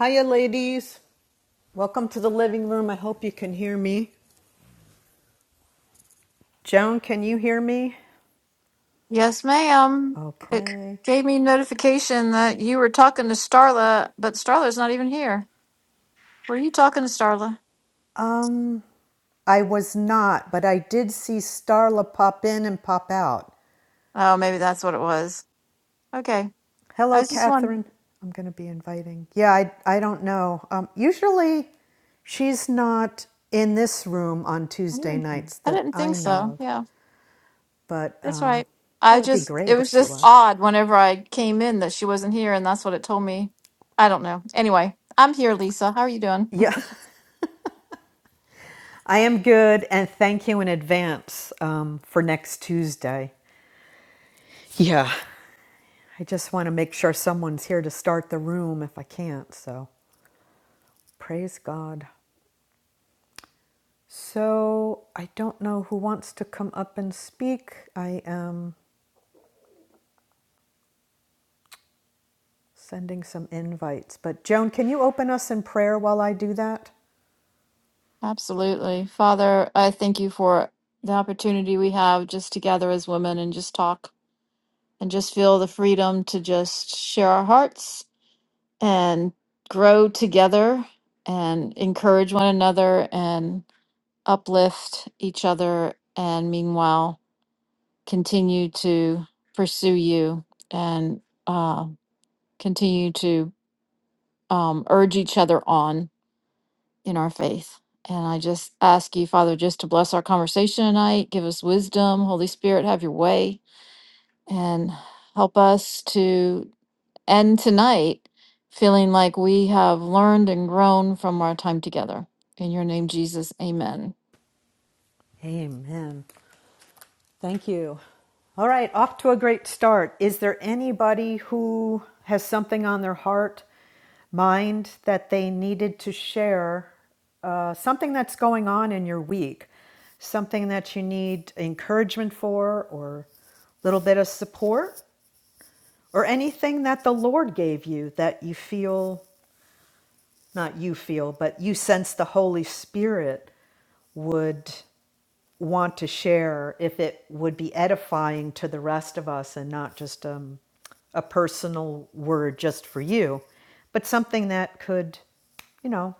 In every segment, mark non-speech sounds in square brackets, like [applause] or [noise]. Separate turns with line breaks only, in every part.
Hiya, ladies. Welcome to the living room. I hope you can hear me. Joan, can you hear me?
Yes, ma'am. It
Okay.
gave me notification that you were talking to Starla, but Starla's not even here. Were you talking to Starla?
Um, I was not, but I did see Starla pop in and pop out.
Oh, maybe that's what it was. Okay. I
Hello,
was just wondering.
Catherine. I'm going to be inviting. Yeah, I, I don't know. Um, usually she's not in this room on
I
Tuesday
didn't think
nights
I
that
didn't
I
think
know
so.
of,
Yeah,
but
that's
um,
right.
that
I
would be
just, it
great if
was
she
just
was.
odd whenever I came in that she wasn't here, and that's what it told me. I don't know. Anyway, I'm here, Lisa. How are you doing?
Yeah. [laughs] I am good, and thank you in advance um, for next Tuesday. Yeah. I just want to make sure someone's here to start the room if I can't, so praise God. So I don't know who wants to come up and speak. I am sending some invites, but Joan, can you open us in prayer while I do that?
Absolutely. Father, I thank you for the opportunity we have just to gather as women and just talk and just feel the freedom to just share our hearts and grow together and encourage one another and uplift each other. And meanwhile, continue to pursue you and uh, continue to um, urge each other on in our faith. And I just ask you, Father, just to bless our conversation tonight, give us wisdom, Holy Spirit, have your way, and help us to and tonight feeling like we have learned and grown from our time together. In your name, Jesus, amen.
Amen. Thank you. All right, off to a great start. Is there anybody who has something on their heart, mind that they needed to share? Uh, something that's going on in your week, something that you need encouragement for, or a little bit of support, or anything that the Lord gave you that you feel not you feel, but you sense the Holy Spirit would want to share if it would be edifying to the rest of us and not just um, a personal word just for you, but something that could, you know,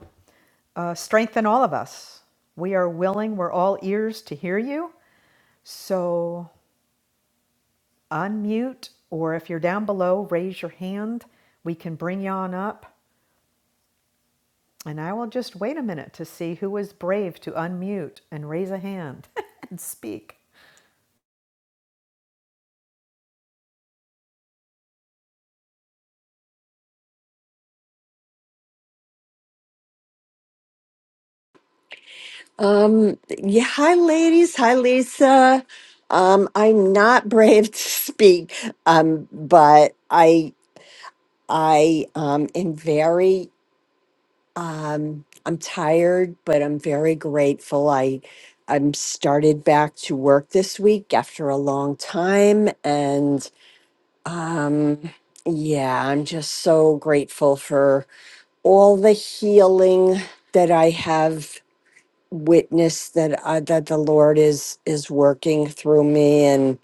uh, strengthen all of us. We are willing, we're all ears to hear you. So unmute, or if you're down below, raise your hand. We can bring you on up. And I will just wait a minute to see who is brave to unmute and raise a hand [laughs] and speak.
Um, yeah, hi, ladies. Hi, Lisa. Um, I'm not [laughs] brave to speak, um, but I, I, um, am very, um, I'm tired, but I'm very grateful. I, I'm started back to work this week after a long time, and, um, yeah, I'm just so grateful for all the healing that I have witness that I, that the Lord is is working through me, and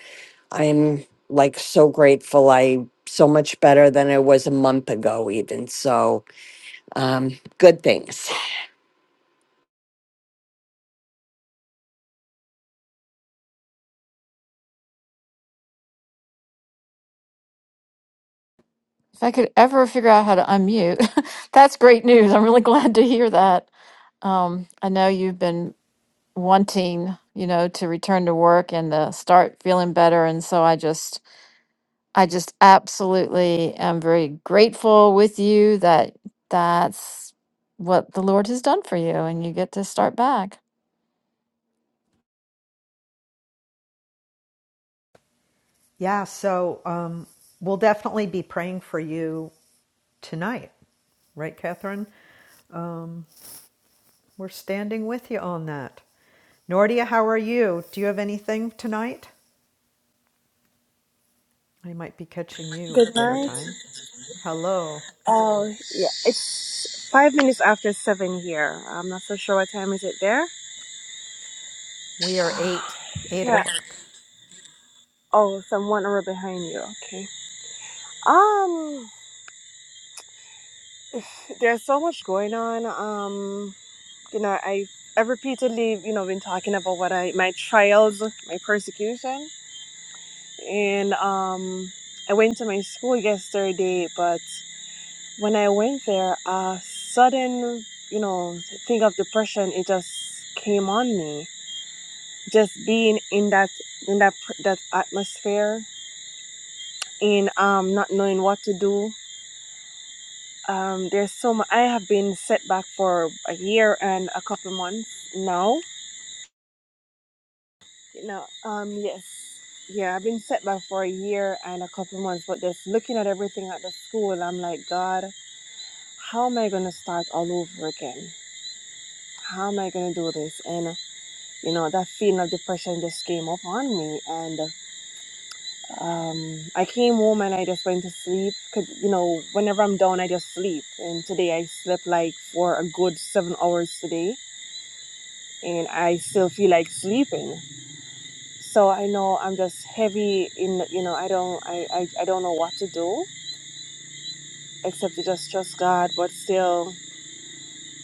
I'm like so grateful. I so much better than I was a month ago, even. So, um, good things.
If I could ever figure out how to unmute, [laughs] that's great news. I'm really glad to hear that. Um, I know you've been wanting, you know, to return to work and to start feeling better. And so I just I just absolutely am very grateful with you that that's what the Lord has done for you and you get to start back.
Yeah, so um, we'll definitely be praying for you tonight, right, Catherine? Um, we're standing with you on that. Nordia, how are you? Do you have anything tonight? I might be catching you
Good
at dinner
night.
time. Hello.
Oh, yeah. It's five minutes after seven here. I'm not so sure what time is it there.
We are
[sighs]
eight, eight
Yeah.
o'clock.
Oh, someone over behind you. Okay. Um, there's so much going on. Um, you know, I I've repeatedly, you know, been talking about what I my trials, my persecution, and um, I went to my school yesterday, but when I went there, a sudden, you know, thing of depression, it just came on me just being in that in that pr- that atmosphere in um not knowing what to do um there's so much i have been set back for a year and a couple months now you know um yes yeah i've been set back for a year and a couple months but just looking at everything at the school i'm like god how am i going to start all over again how am i going to do this and you know that feeling of depression just came upon me and. Um, I came home and I just went to sleep. 'Cause, you know, whenever I'm down, I just sleep. And today I slept like for a good seven hours today, and I still feel like sleeping. So I know I'm just heavy in. You know, I don't. I. I, I don't know what to do except to just trust God. But still,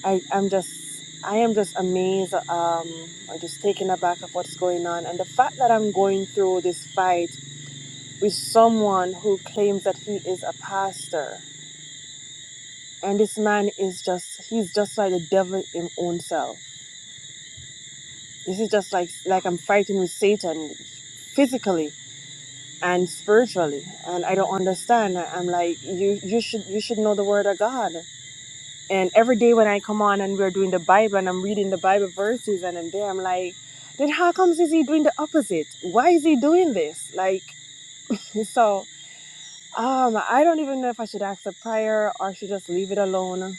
I. I'm just. I am just amazed. Um, I'm just taken aback of what's going on, and the fact that I'm going through this fight with someone who claims that he is a pastor and this man is just he's just like the devil in own self this is just like like i'm fighting with satan physically and spiritually and i don't understand i'm like you you should you should know the word of god and every day when i come on and we're doing the bible and i'm reading the bible verses and i'm there i'm like then how comes is he doing the opposite why is he doing this like so um i don't even know if i should ask a prayer or should just leave it alone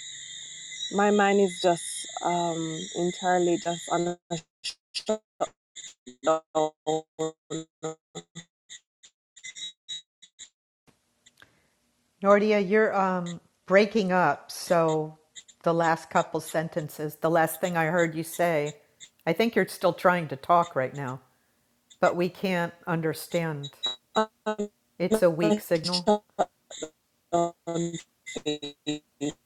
My mind is just um entirely just on a shutdown, on
Nordia, you're um, breaking up. So the last couple sentences, the last thing I heard you say, I think you're still trying to talk right now, but we can't understand. It's a weak
a
signal.
shutdown phase.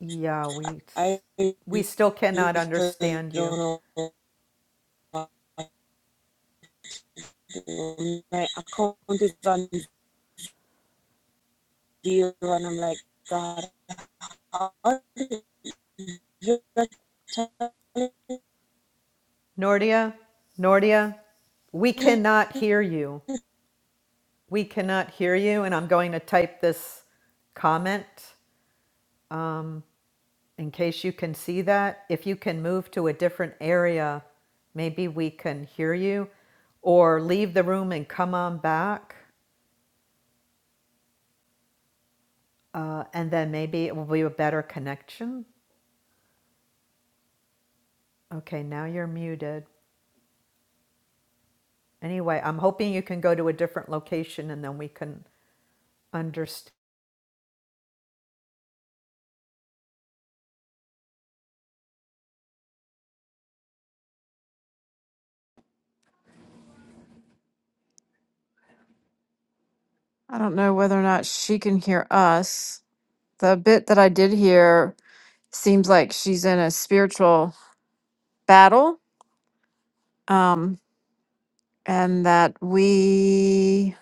Yeah, we
I
we still cannot
literally
understand you.
don't know what to do. My account is on zero, and I'm like, God, how are you
Nordia, Nordia, we cannot
can
hear you. We cannot hear you and I'm going to type this comment in case you can see that, if you can move to a different area, maybe we can hear you, or leave the room and come on back, uh, and then maybe it will be a better connection. Okay, now you're muted. Anyway, I'm hoping you can go to a different location, and then we can understand.
I don't know whether or not she can hear us. The bit that I did hear seems like she's in a spiritual battle um, and that we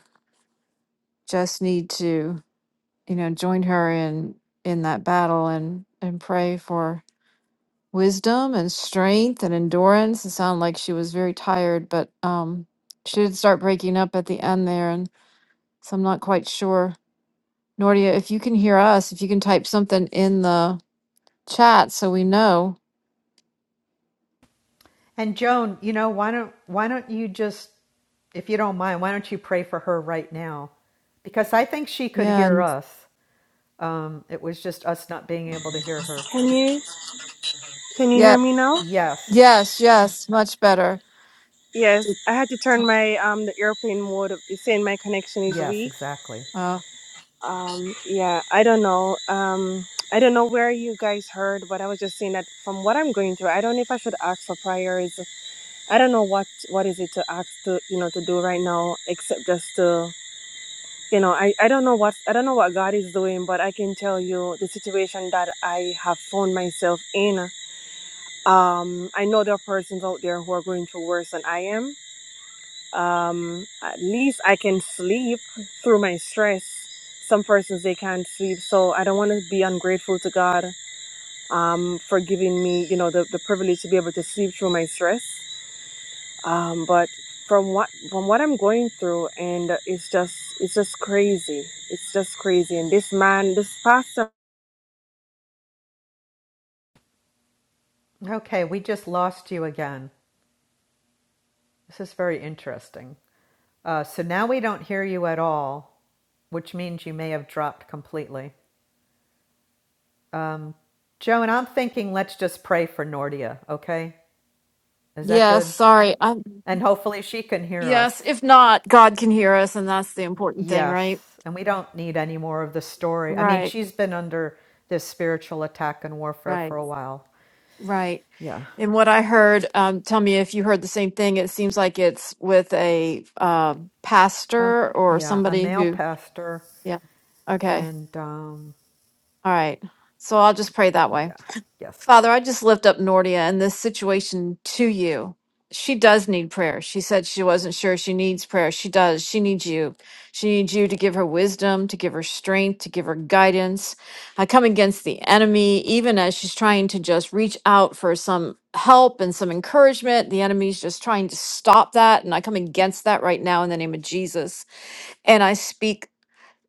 just need to, you know, join her in in that battle and and pray for wisdom and strength and endurance. It sounded like she was very tired, but um, she did start breaking up at the end there, and so I'm not quite sure. Nordia, if you can hear us, if you can type something in the chat so we know.
And Joan, you know, why don't why don't you just, if you don't mind, why don't you pray for her right now? Because I think she could
Yeah,
hear
and
us. Um, it was just us not being able to hear her.
you can you
yeah,
hear me now?
Yes.
yes, yes, much better.
Yes,
Did-
I had to turn my um the airplane mode. It's saying my connection is
Yes,
weak.
exactly.
Uh,
Um, yeah, I don't know. Um, I don't know where you guys heard, but I was just saying that from what I'm going through, I don't know if I should ask for prayers. I don't know what what is it to ask to you know to do right now, except just to you know I I don't know what I don't know what God is doing, but I can tell you the situation that I have found myself in. Um, I know there are persons out there who are going through worse than I am um at least i can sleep through my stress some persons they can't sleep so i don't want to be ungrateful to god um for giving me you know the, the privilege to be able to sleep through my stress um but from what from what i'm going through and it's just it's just crazy it's just crazy and this man this pastor
Okay, we just lost you again. This is very interesting. Uh, so now we don't hear you at all, which means you may have dropped completely. Um, Joan, I'm thinking let's just pray for Nordia, okay? Is that
yes,
good?
sorry. I'm,
And hopefully she can hear us.
yes, if not, God can hear us, and that's the important thing, right?
Yes, and we don't need any more of the story. I mean,
Right,
she's been under this spiritual attack and warfare
right.
for a while.
Right.
Yeah.
And what I heard, um, tell me if you heard the same thing. It seems like it's with a uh,
Um,
pastor or
yeah, a
somebody
male
who,
pastor,
yeah. Okay.
and um,
All right. So I'll just pray that way.
yeah, yes.
Father, I just lift up Nordia and this situation to you. She does need prayer. She said she wasn't sure she needs prayer. She does. She needs you. She needs you to give her wisdom, to give her strength, to give her guidance. I come against the enemy, even as she's trying to just reach out for some help and some encouragement. The enemy's just trying to stop that. And I come against that right now in the name of Jesus. And I speak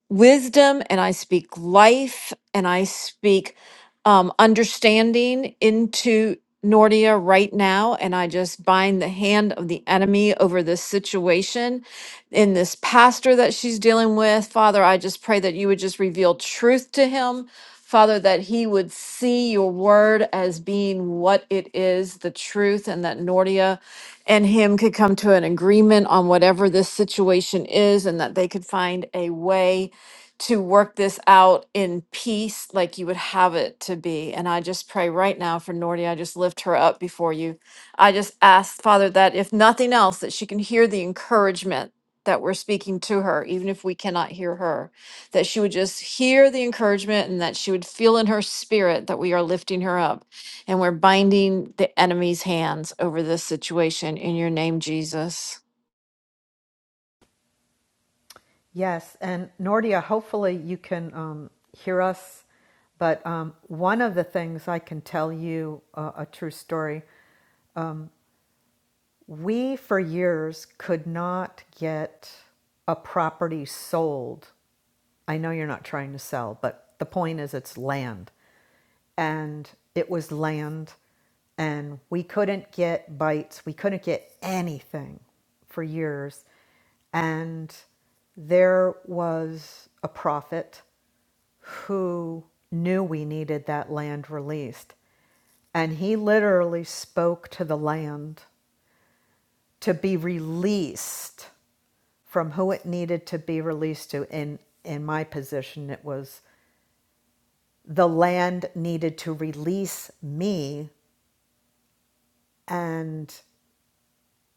wisdom and I speak life and I speak um, understanding into Nordia right now. And I just bind the hand of the enemy over this situation in this pastor that she's dealing with. Father, I just pray that you would just reveal truth to him. Father, that he would see your word as being what it is, the truth, and that Nordia and him could come to an agreement on whatever this situation is and that they could find a way to work this out in peace like you would have it to be. And I just pray right now for Nordy. I just lift her up before you. I just ask, Father, that if nothing else, that she can hear the encouragement that we're speaking to her, even if we cannot hear her, that she would just hear the encouragement and that she would feel in her spirit that we are lifting her up and we're binding the enemy's hands over this situation in your name, Jesus.
Yes, and Nordia, hopefully you can um, hear us. But um, one of the things I can tell you uh, a true story um, we for years could not get a property sold I know you're not trying to sell, but the point is it's land. And it was land, and we couldn't get bites, we couldn't get anything for years. And there was a prophet who knew we needed that land released. And he literally spoke to the land to be released from who it needed to be released to. In in my position, it was the land needed to release me, and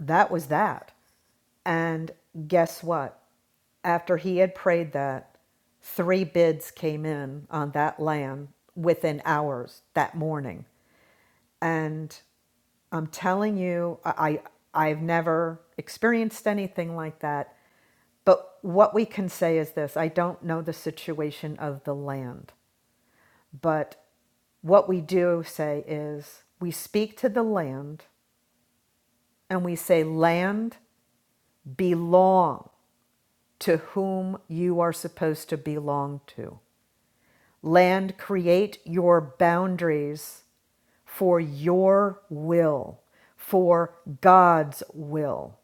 that was that. And guess what? After he had prayed that, three bids came in on that land within hours that morning. And I'm telling you, I, I I've never experienced anything like that. But what we can say is this I don't know the situation of the land, but what we do say is we speak to the land and we say, Land, belong to whom you are supposed to belong to. Land, create your boundaries for your will, for God's will.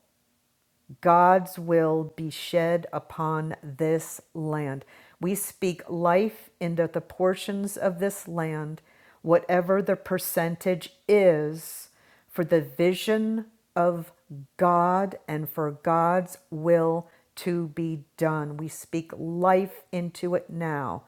God's will be shed upon this land. We speak life into the portions of this land, whatever the percentage is, for the vision of God and for God's will to be done. We speak life into it now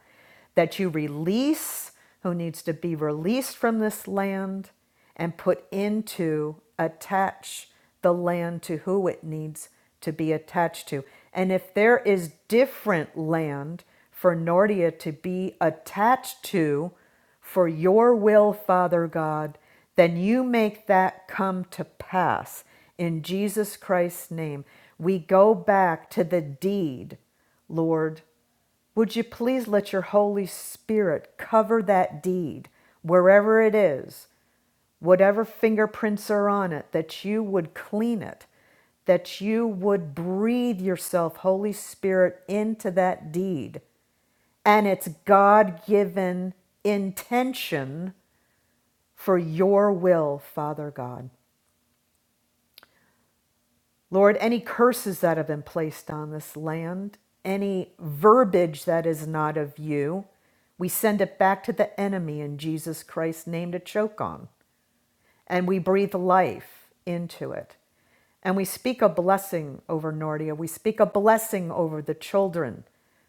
that you release who needs to be released from this land and put into, attach the land to who it needs to be attached to. And if there is different land for Nordia to be attached to for your will, Father God, then you make that come to pass. In Jesus Christ's name, we go back to the deed, Lord, would you please let your Holy Spirit cover that deed, wherever it is, whatever fingerprints are on it, that you would clean it, that you would breathe yourself, Holy Spirit, into that deed and its God given intention for your will, Father God. Lord, any curses that have been placed on this land, any verbiage that is not of you, we send it back to the enemy in Jesus Christ's name to choke on. And we breathe life into it. And we speak a blessing over Nordia. We speak a blessing over the children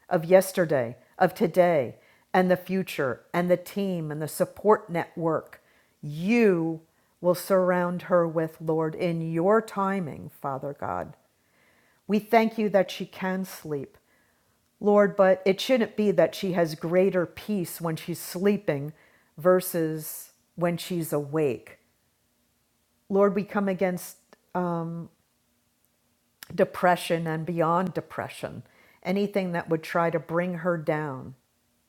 of yesterday, of today, and the future, and the team, and the support network. You will surround her with, Lord, in your timing, Father God. We thank you that she can sleep. Lord, but it shouldn't be that she has greater peace when she's sleeping versus when she's awake. Lord, we come against depression and beyond depression, anything that would try to bring her down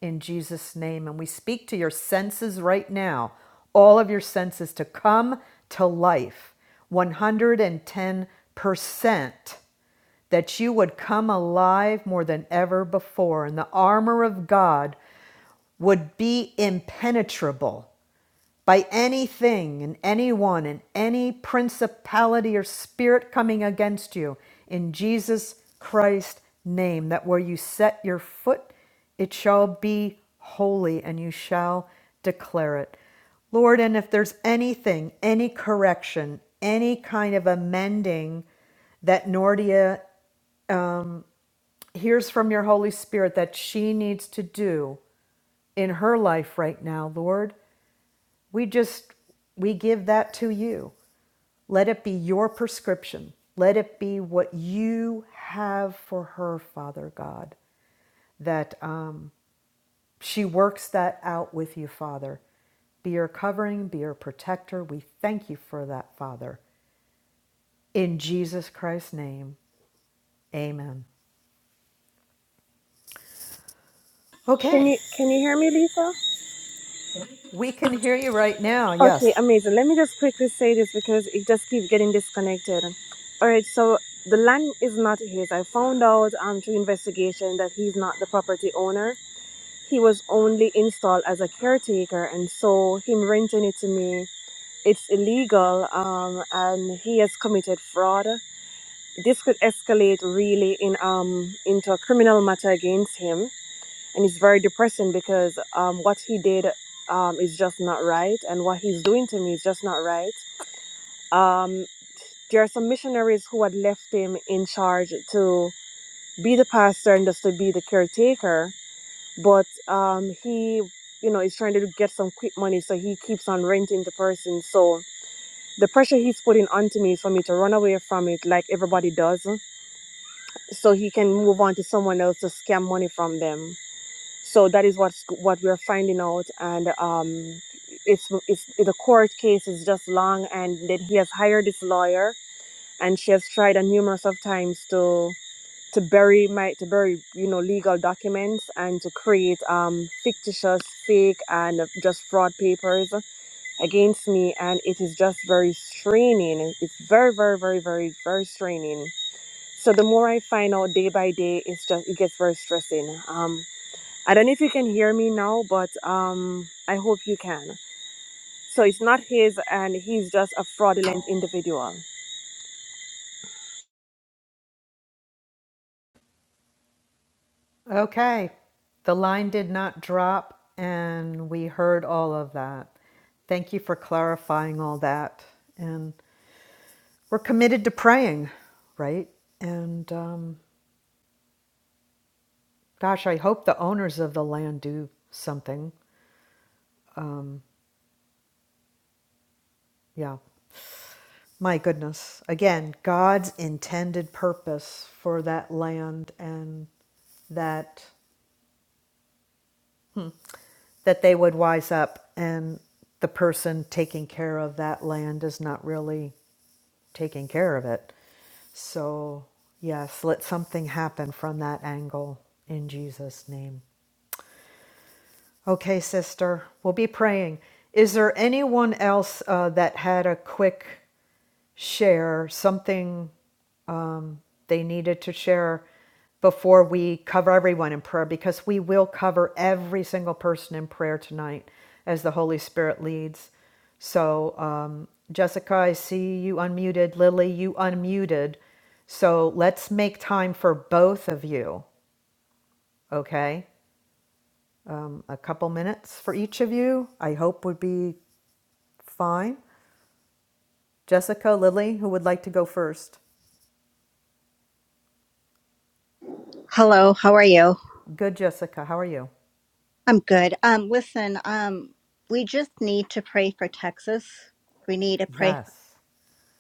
in Jesus' name. And we speak to your senses right now, all of your senses to come to life 110%, that you would come alive more than ever before, and the armor of God would be impenetrable by anything and anyone and any principality or spirit coming against you in Jesus Christ's name, that where you set your foot, it shall be holy and you shall declare it. Lord, and if there's anything, any correction, any kind of amending that Nordia hears from your Holy Spirit that she needs to do in her life right now, Lord. We just, we give that to you. Let it be your prescription. Let it be what you have for her, Father God, that um, she works that out with you, Father. Be her covering, be her protector. We thank you for that, Father. In Jesus Christ's name, amen.
can
Okay,
you can you hear me lisa
we can hear you right now. Yes.
Okay, amazing. Let me just quickly say this because it just keeps getting disconnected. All right, so the land is not his. I found out um, through investigation that he's not the property owner. He was only installed as a caretaker, and so him renting it to me, it's illegal, um, and he has committed fraud. This could escalate really in um into a criminal matter against him, and it's very depressing because um what he did um, is just not right, and what he's doing to me is just not right. Um, there are some missionaries who had left him in charge to be the pastor and just to be the caretaker, but um, he, you know, is trying to get some quick money, so he keeps on renting the person. So the pressure he's putting onto me is for me to run away from it, like everybody does, so he can move on to someone else to scam money from them. So that is what's what we're finding out, and um, it's it's the court case is just long, and then he has hired this lawyer and she has tried a numerous of times to to bury my to bury you know legal documents and to create um fictitious fake and just fraud papers against me and it is just very straining it's very very very very very straining so the more i find out day by day it's just it gets very stressing um i don't know if you can hear me now but um i hope you can so it's not his and he's just a fraudulent individual
Okay. The line did not drop, and we heard all of that. Thank you for clarifying all that. And we're committed to praying, right? And um, gosh, I hope the owners of the land do something. Um, yeah. My goodness. Again, God's intended purpose for that land and that that they would wise up and the person taking care of that land is not really taking care of it. So, yes, let something happen from that angle in Jesus' name. Okay, sister, we'll be praying. Is there anyone else uh, that had a quick share, something they needed to share before we cover everyone in prayer because we will cover every single person in prayer tonight as the Holy Spirit leads. So, um, Jessica, I see you unmuted. Lily, you unmuted. So let's make time for both of you, okay? Um, a couple minutes for each of you, I hope would be fine. Jessica, Lily, who would like to go first?
Hello, how are you?
Good, Jessica. How are you?
I'm good. Um, listen, um, we just need to pray for Texas. We need to pray
Yes.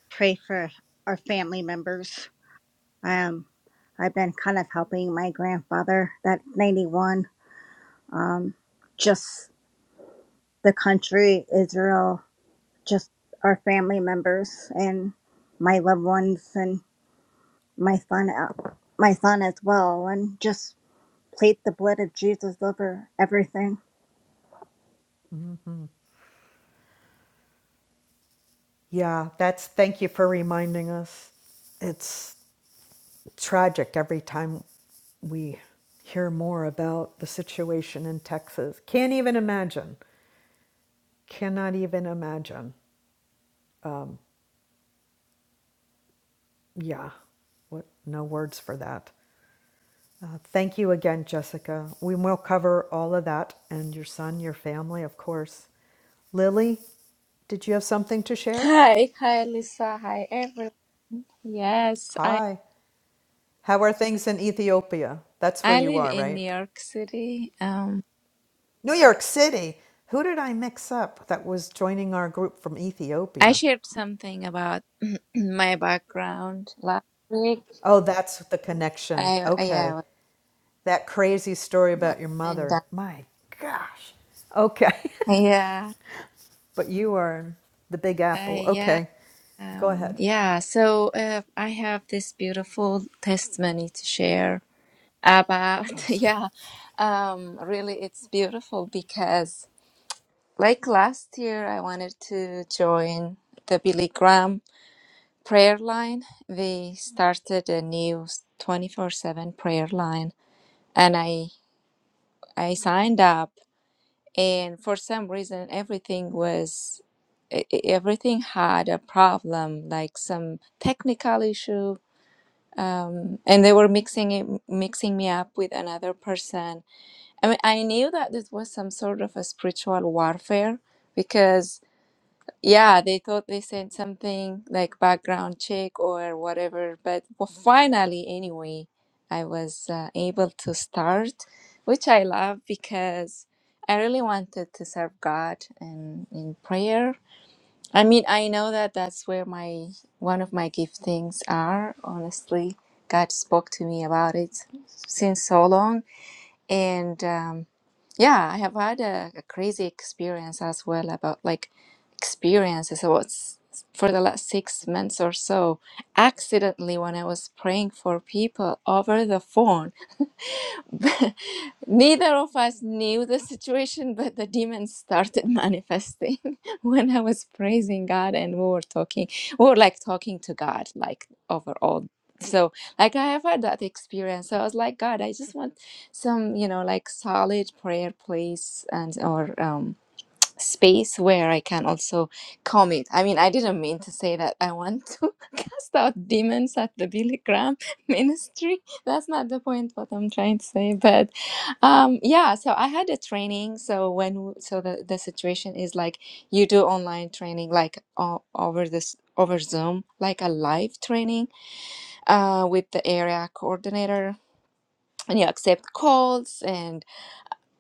pray for our family members. Um, I've been kind of helping my grandfather, that's 91. Um, just the country, Israel, just our family members and my loved ones and my son, uh, my son as well, and just plead the blood of Jesus over everything.
Yeah, that's thank you for reminding us. It's tragic every time we hear more about the situation in Texas. Can't even imagine. Cannot even imagine. Yeah, what, no words for that. Uh, thank you again, Jessica. We will cover all of that and your son, your family, of course. Lily, did you have something to share?
Hi, hi, Lisa. Hi, everyone. Yes, I
Hi. How are things in Ethiopia? That's where
I
you
live
are,
in New
right?
York City. Um,
New York City. Who did I mix up that was joining our group from
I
Ethiopia?
shared something about [clears throat] my background last week.
Oh, that's the connection.
I I- yeah,
Okay.
with
That crazy story
my mom
about your
and
mother.
that-
My gosh. Okay.
yeah,
[laughs] but you are the big
I
apple.
yeah,
Okay. Go
um,
ahead.
yeah. So uh, I have this beautiful testimony to share about [laughs]
Awesome.
yeah. Um, really, it's beautiful because like last year, I wanted to join the Billy Graham. prayer line. We started a new 24/7 prayer line and I I signed up and for some reason everything was e- e- everything had a problem like some technical issue um, and they were mixing it, mixing me up with another person. I mean, I knew that this was some sort of a spiritual warfare because Yeah, they thought they sent something like background check or whatever, but well, finally, anyway, I was uh, able to start, which I love because I really wanted to serve God and in prayer. I mean, I know that that's where my one of my giftings are, honestly. God spoke to me about it since so long and um, yeah, I have had a, a crazy experience as well about like experiences. I was for the last six months or so accidentally when I was praying for people over the phone. [laughs] Neither of us knew the situation, but the demons started manifesting [laughs] when I was praising God and we were talking. We were like talking to God, like overall. So, like, I have had that experience. So I was like, God, I just want some, you know, like solid prayer, please, and or um, space where I can also comment. I mean, I didn't mean to say that I want to [laughs] cast out demons at the Billy Graham [laughs] ministry. That's not the point what I'm trying to say. But um, yeah, so I had a training. So when so the, the situation is like you do online training like o- over this over Zoom, like a live training uh, with the area coordinator. And you accept calls and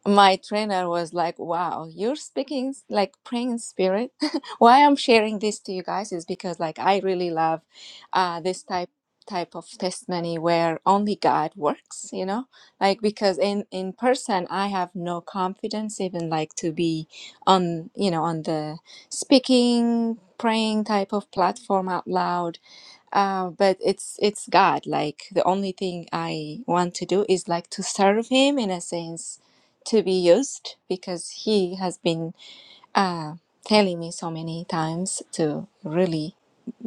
my trainer was like, "Wow, you're speaking s- like praying in spirit." [laughs] Why I'm sharing this to you guys is because like I really love uh, this type type of testimony where only God works. You know, like because in in person I have no confidence even like to be on you know on the speaking praying type of platform out loud uh, but it's it's God. Like the only thing I want to do is like to serve Him in a sense to be used because he has been uh, telling me so many times to really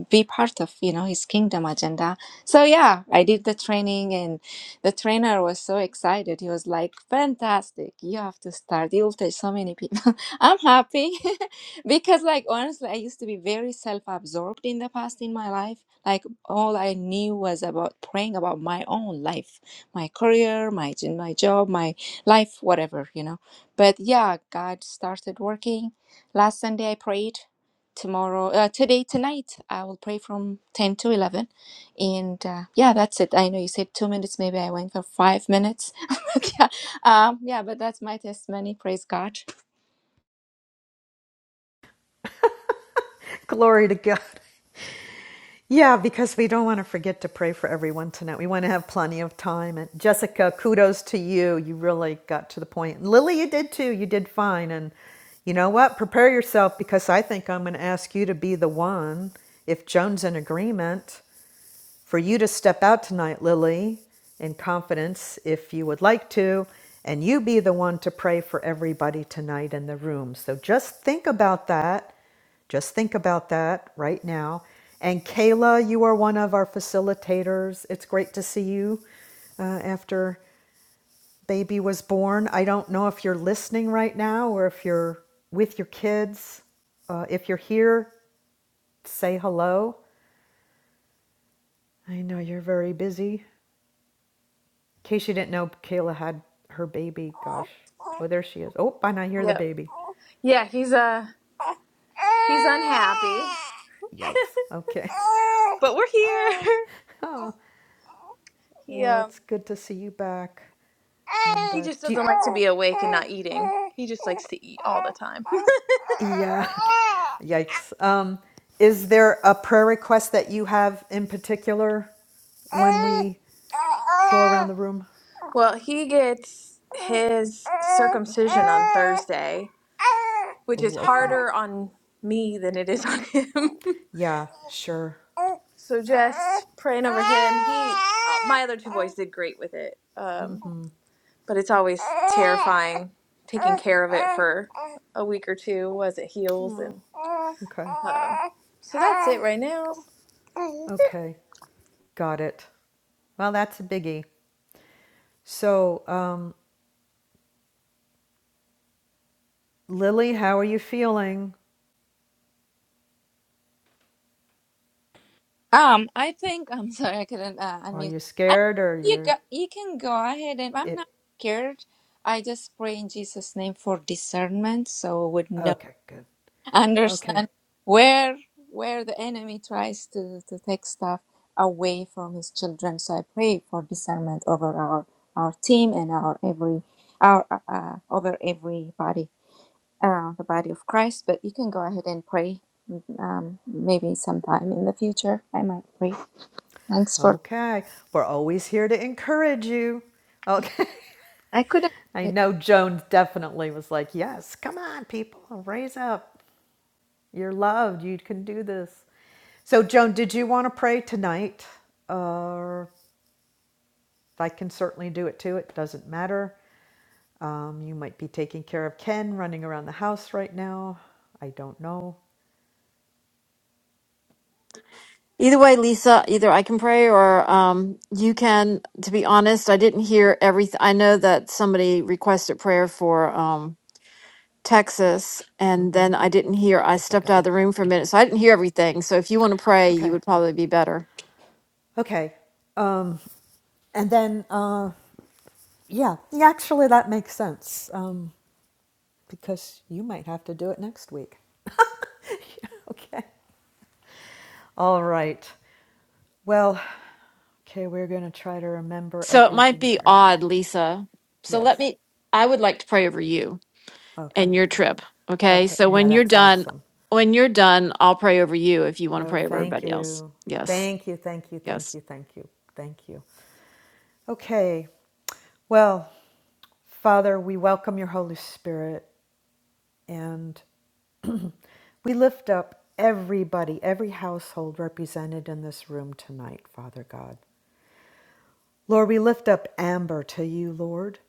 be part of you know his kingdom agenda so yeah i did the training and the trainer was so excited he was like fantastic you have to start you'll touch so many people [laughs] i'm happy [laughs] because like honestly i used to be very self-absorbed in the past in my life like all i knew was about praying about my own life my career my my job my life whatever you know but yeah god started working last sunday i prayed tomorrow uh, today tonight i will pray from 10 to 11 and uh, yeah that's it i know you said two minutes maybe i went for five minutes [laughs] But yeah um yeah but that's my testimony praise god
[laughs] Glory to God. Yeah, because we don't want to forget to pray for everyone tonight. We want to have plenty of time. And Jessica, kudos to you. You really got to the point. Lily, you did too. You did fine. And you know what? Prepare yourself because I think I'm going to ask you to be the one if Joan's in agreement for you to step out tonight, Lily, in confidence if you would like to, and you be the one to pray for everybody tonight in the room. So just think about that. Just think about that right now. And Kayla, you are one of our facilitators. It's great to see you uh, after baby was born. I don't know if you're listening right now or if you're with your kids. Uh, if you're here, say hello. I know you're very busy. In case you didn't know, Kayla had her baby. Gosh. Oh, there she is. Oh, and I hear the
Yep.
baby.
Yeah, he's uh he's unhappy.
Yikes. Okay. [laughs]
But we're here. [laughs]
Oh,
He
well,
um
it's good to see you back. And
he
uh,
just
do you,
doesn't like to be awake and not eating. He just likes to eat all the time.
yeah, [laughs] okay. yikes. Um, is there a prayer request that you have in particular when we go around the room?
[laughs] well, he gets his circumcision on Thursday, which is
Oh, okay.
harder on me than it is on him. [laughs]
Yeah, sure.
So just praying over him. He, uh, my other two boys did great with it, um,
Mm-hmm.
but it's always terrifying taking care of it for a week or two as it heals,
Oh,
and
okay.
um, so that's it right now.
Okay. Got it. Well, that's a biggie. So, um, Lily, how are you feeling?
um i think [laughs] i'm sorry i couldn't uh,
Are
unmute
you
i
scared or
you go,
you're
you can go ahead and i'm not
it?
scared i just pray in jesus name for discernment so I would know
Okay, good. Okay,
understand where where the enemy tries to to take stuff away from his children so i pray for discernment over our our team and our every our uh, uh, over everybody uh, the body of christ but you can go ahead and pray um, maybe sometime in the future i might pray thanks for
okay. We're always here to encourage you. Okay.
i couldn't
[laughs] I know Joan definitely was like, yes, come on, people, raise up. You're loved. You can do this. So, Joan, did you want to pray tonight? Or uh, I can certainly do it too. It doesn't matter. Um, you might be taking care of Ken running around the house right now. I don't know.
Either way, Lisa, either I can pray or um, you can. To be honest, I didn't hear everything. I know that somebody requested prayer for um, Texas, and then I didn't hear. I
Jessica
stepped out of
did.
the room for a minute, so I didn't hear everything. So if you want to pray, you
Okay.
would probably be better.
Okay. Um, and then, uh, yeah, yeah, actually, that makes sense um, because you might have to do it next week. [laughs] okay. All right. Well, okay, we're going to try to remember
So it might
everything
be
here.
odd, Lisa. So let
Yes.
me, I would like to pray over you
Okay.
and your
Yeah.
trip. Okay.
Okay.
So
Yeah,
when you're
that's
done,
awesome.
when you're done, I'll pray over you if you want to
Oh,
pray over
thank
everybody else.
you.
Yes.
Thank you. Thank you. Thank
Yes.
you. Thank you. Thank you. Okay. Well, Father, we welcome your Holy Spirit. And We lift up everybody, every household represented in this room tonight, Father God. Lord, we lift up Amber to you, Lord.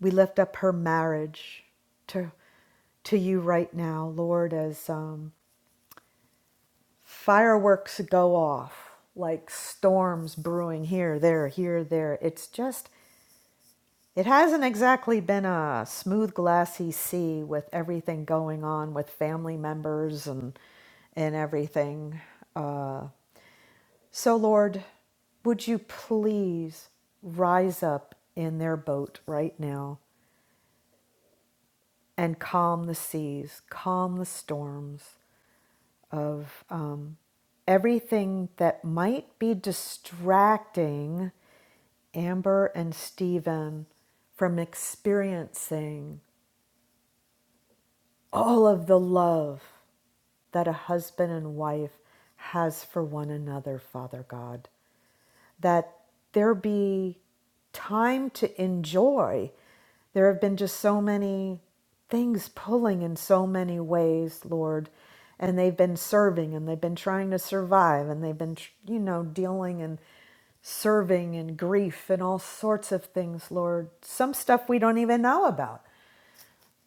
We lift up her marriage to, to you right now, Lord, as um, fireworks go off like storms brewing here, there, here, there. It's just, it hasn't exactly been a smooth, glassy sea with everything going on with family members and and everything. Uh, So, Lord, would you please rise up in their boat right now and calm the seas, calm the storms of um, everything that might be distracting Amber and Stephen from experiencing all of the love that a husband and wife has for one another, Father God. that there be time to enjoy. There have been just so many things pulling in so many ways, Lord, and they've been serving and they've been trying to survive and they've been, tr- you know, dealing and serving and grief and all sorts of things, Lord. Some stuff we don't even know about.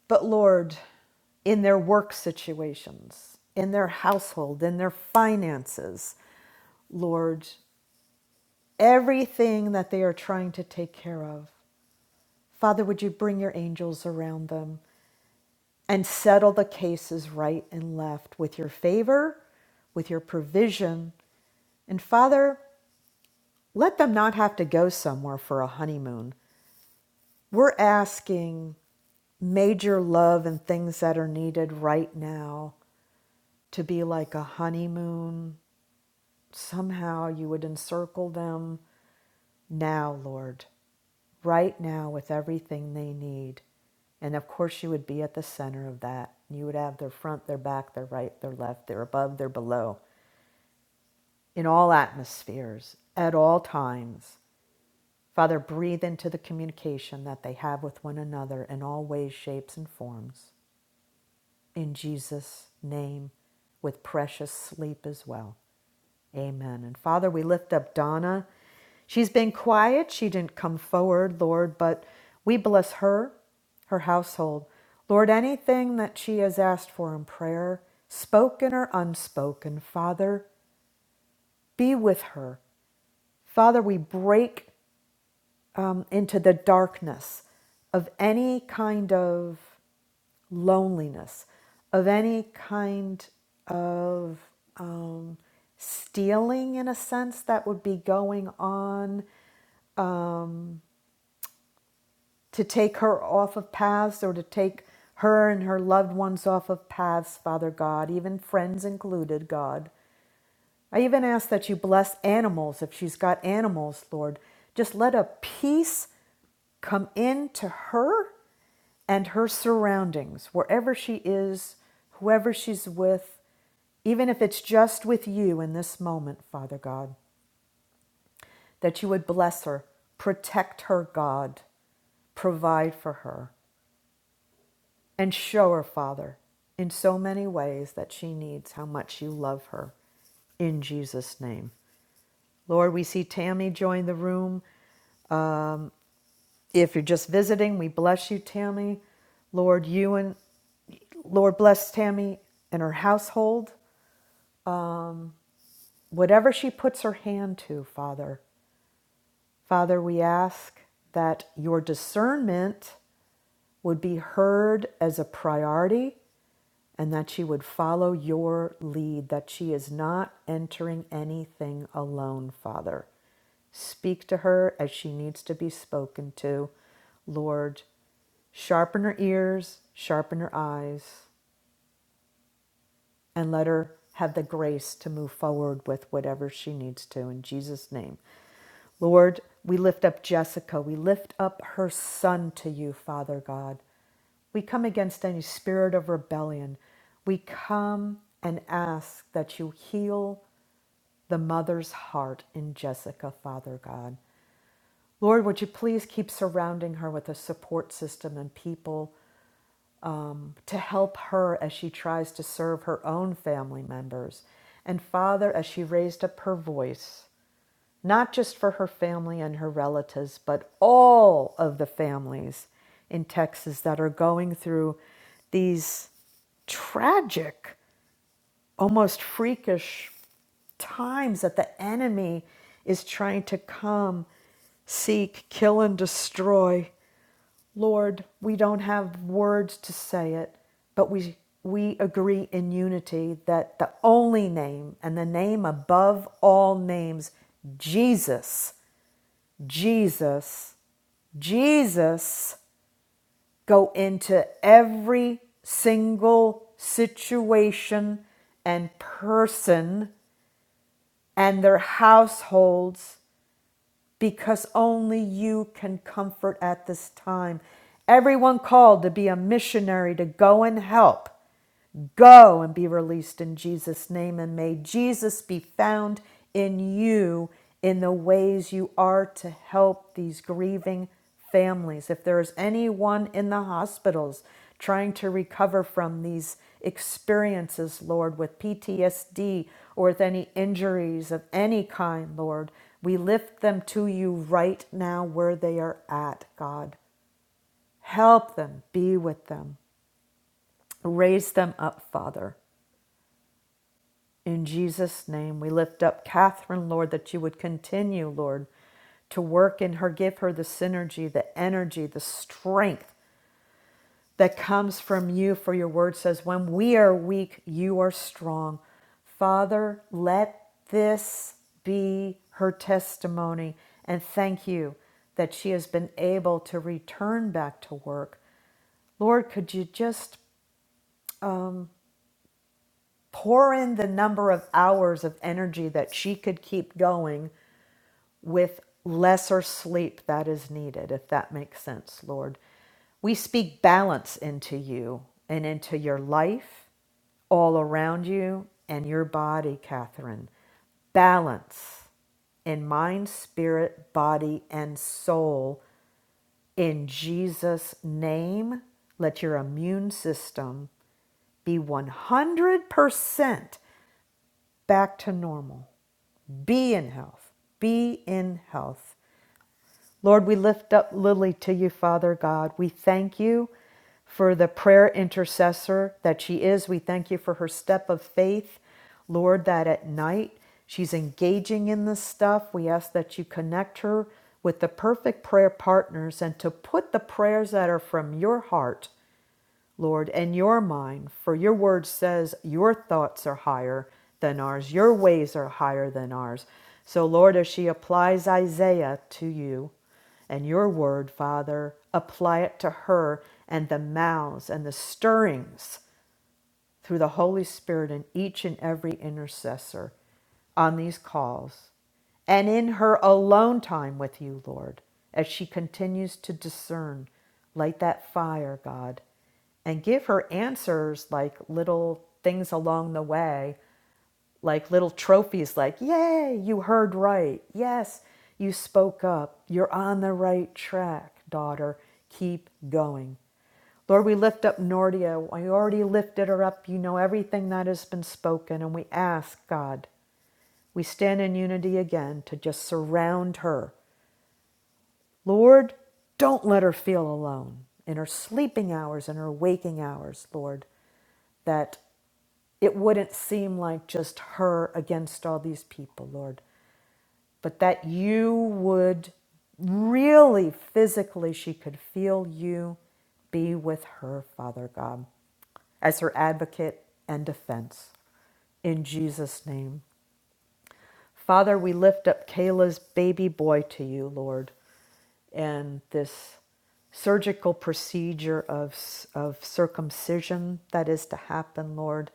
But Lord, in their work situations, in their household, in their finances, Lord everything that they are trying to take care of. Father, would you bring your angels around them and settle the cases right and left with your favor, with your provision? And Father, let them not have to go somewhere for a honeymoon. We're asking major love and things that are needed right now to be like a honeymoon. Somehow you would encircle them now, Lord. right now with everything they need. And of course, you would be at the center of that. You would have their front, their back, their right, their left, their above, their below, in all atmospheres, at all times. Father, breathe into the communication that they have with one another in all ways, shapes, and forms. In Jesus' name, with precious sleep as well. Amen. And Father, we lift up Donna. She's been quiet. She didn't come forward, Lord, but we bless her, her household. Lord, anything that she has asked for in prayer, spoken or unspoken, Father, be with her. Father, we break um, into the darkness of any kind of loneliness, of any kind of um, stealing, in a sense, that would be going on um, to take her off of paths or to take her and her loved ones off of paths, Father God, even friends included, God. I even ask that you bless animals if she's got animals, Lord. Just let a peace come into her and her surroundings, wherever she is, whoever she's with, even if it's just with you in this moment, Father God, that you would bless her, protect her, God, provide for her, and show her, Father, in so many ways that she needs how much you love her. In Jesus' name. Lord, we see Tammy join the room. If you're just visiting, we bless you, Tammy. Lord, you and Lord, bless Tammy and her household, whatever she puts her hand to, Father. Father, we ask that your discernment would be heard as a priority and that she would follow your lead, that she is not entering anything alone, Father. Speak to her as she needs to be spoken to. Lord, sharpen her ears, sharpen her eyes and let her have the grace to move forward with whatever she needs to in Jesus' name. Lord, we lift up Jessica. We lift up her son to you, Father God. We come against any spirit of rebellion. We come and ask that you heal the mother's heart in Jessica, Father God. Lord, would you please keep surrounding her with a support system and people to help her as she tries to serve her own family members, and Father, as she raised up her voice, not just for her family and her relatives, but all of the families in Texas that are going through these tragic almost freakish times that the enemy is trying to come, seek, kill, and destroy. Lord, we don't have words to say it, but we we agree in unity that the only name and the name above all names, Jesus, Jesus, Jesus Go into every single situation and person and their households because only you can comfort at this time. Everyone called to be a missionary to go and help. Go and be released in Jesus' name, and may Jesus be found in you in the ways you are to help these grieving families, if there is anyone in the hospitals trying to recover from these experiences, Lord, with PTSD or with any injuries of any kind, Lord, we lift them to you right now where they are at, God. Help them, be with them, raise them up, Father. In Jesus' name, we lift up Catherine, Lord, that you would continue, Lord, to work in her, give her the synergy, the energy, the strength that comes from you, for your word says, When we are weak, you are strong. Father, let this be her testimony. And thank you that she has been able to return back to work. Lord, could you just pour in the number of hours of energy that she could keep going with lesser sleep that is needed, if that makes sense, Lord. We speak balance into you and into your life, all around you, and your body, Catherine. Balance in mind, spirit, body, and soul. In Jesus' name, let your immune system be 100% back to normal. Be in health. Be in health. Lord, we lift up Lily to you, Father God. We thank you for the prayer intercessor that she is. We thank you for her step of faith, Lord, that at night she's engaging in this stuff. We ask that you connect her with the perfect prayer partners and to put the prayers that are from your heart Lord, and your mind, for your word says your thoughts are higher than ours, your ways are higher than ours. So, Lord, as she applies Isaiah to you and your word, Father, apply it to her and the mouths and the stirrings through the Holy Spirit in each and every intercessor on these calls and in her alone time with you, Lord, as she continues to discern. Light that fire, God, and give her answers like little things along the way, like little trophies, like, Yay, you heard right. Yes, you spoke up. You're on the right track, daughter. Keep going. Lord, we lift up Nordia. I already lifted her up. You know everything that has been spoken. And we ask, God, we stand in unity again to just surround her. Lord, don't let her feel alone in her sleeping hours and her waking hours, Lord, that it wouldn't seem like just her against all these people, Lord but that you would really physically, she could feel you be with her, Father God, as her advocate and defense. In Jesus' name. Father, we lift up Kayla's baby boy to you, Lord, and this surgical procedure of, of circumcision that is to happen, Lord,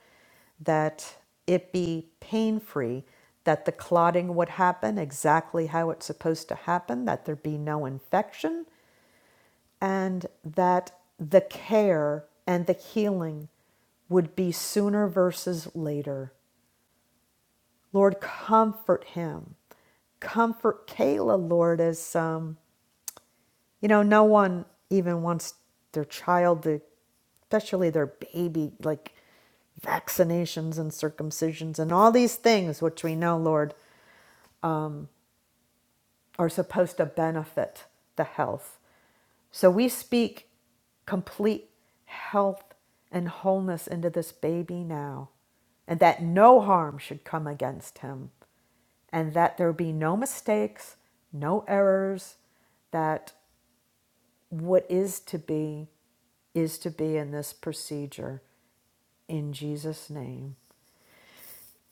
that it be pain free, that the clotting would happen exactly how it's supposed to happen, that there be no infection, and that the care and the healing would be sooner versus later. Lord, comfort him. Comfort Kayla, Lord, as, um, you know, no one even wants their child to, especially their baby, like vaccinations and circumcisions and all these things, which we know, Lord. are supposed to benefit the health. So we speak complete health and wholeness into this baby now, and that no harm should come against him, and that there be no mistakes, no errors, that what is to be is to be in this procedure in Jesus' name.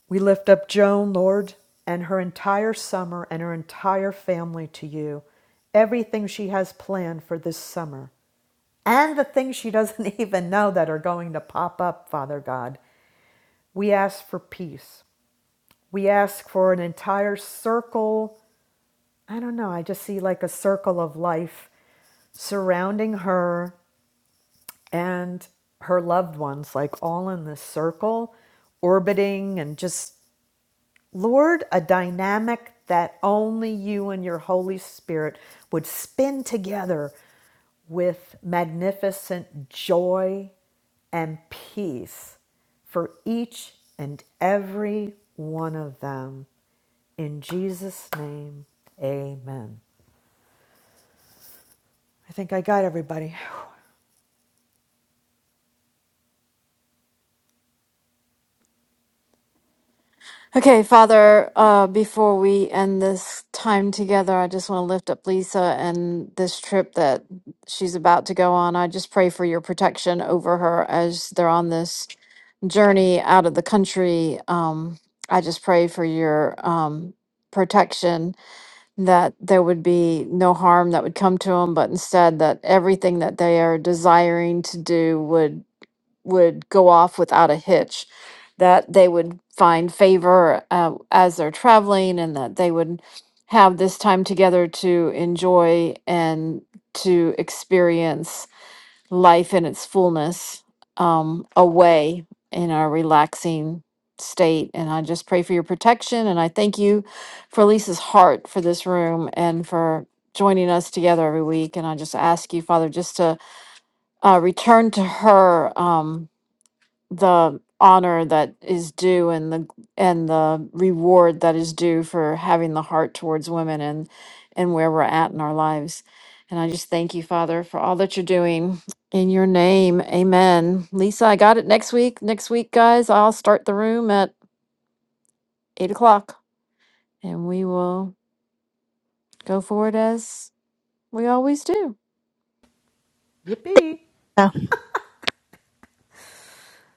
We lift up Joan, Lord, and her entire summer and her entire family to you. Everything she has planned for this summer and the things she [laughs] doesn't even know that are going to pop up, Father God. We ask for peace. We ask for an entire circle. I don't know, I just see like a circle of life surrounding her and her loved ones, like all in this circle, orbiting and just Lord, a dynamic that only you and your Holy Spirit would spin together with magnificent joy and peace for each and every one of them. In Jesus' name, amen. I think I got everybody.
Okay, Father, uh, before we end this time together, I just want to lift up Lisa and this trip that she's about to go on. I just pray for your protection over her as they're on this journey out of the country. Um, I just pray for your um, protection that there would be no harm that would come to them, but instead that everything that they are desiring to do would would go off without a hitch, that they would find favor uh, as they're traveling, and that they would have this time together to enjoy and to experience life in its fullness um, away in our relaxing state. And I just pray for your protection. And I thank you for Lisa's heart for this room and for joining us together every week. And I just ask you, Father, just to uh, return to her. Um, the honor that is due and the and the reward that is due for having the heart towards women and and where we're at in our lives. And I just thank you, Father, for all that you're doing in your name. Amen. Lisa, I got it next week. Next week, guys, I'll start the room at eight o'clock and we will go forward as we always do.
Yippee!
So,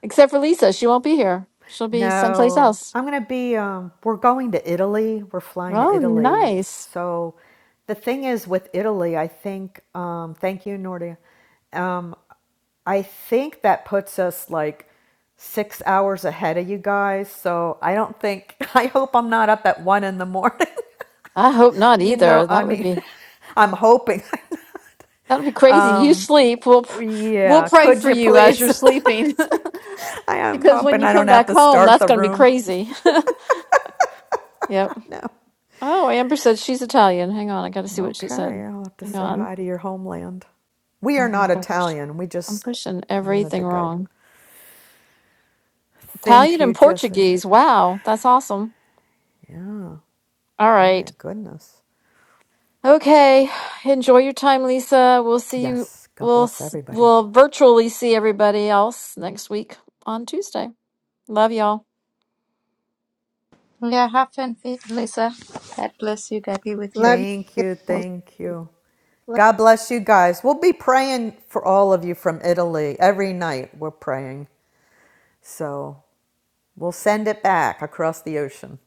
Except for Lisa, she won't be here. She'll be someplace
No,
else.
I'm going to be, um, we're going to Italy. We're flying to
Oh,
Italy.
nice.
So the thing is with Italy, I think, um, thank you, Nordia. Um, I think that puts us like six hours ahead of you guys. So I don't think, [laughs] I hope I'm not up at one in the morning.
I hope
[laughs]
not
you know,
either.
I
That would
mean,
be
[laughs] I'm hoping.
That'll be
[laughs]
crazy. You
um,
sleep. We'll we'll
yeah,
pray
could
for
you
you as you're
please? [laughs]
sleeping,
It's like, I
[laughs]
am
because when
hoping
you
I don't
come
have
back
to
home,
start
that's
the
going to be
room.
crazy. [laughs] Yep.
[laughs] No.
Oh, Amber said she's Italian. Hang on, I got to see what she
Okay,
said.
I'll have to
Hang
say
on.
hi to your homeland. We are
Oh my
not
gosh,
Italian. We
I'm
just
pushing
wanted
everything
to go.
wrong.
Thank
Italian
you,
and
Jessica.
Portuguese. Wow, that's awesome.
Yeah,
All
my
right.
goodness.
Okay. Enjoy your time, Lisa. We'll see you.
Yes, God
We'll
bless
s-
everybody.
we'll virtually see everybody else next week on Tuesday. Love y'all.
Yeah, have fun, Lisa. God bless you. God be with you.
love
Thank you,
Well,
thank you.
you.
God bless you guys. We'll be praying for all of you from Italy every night. We're praying. So we'll send it back across the ocean.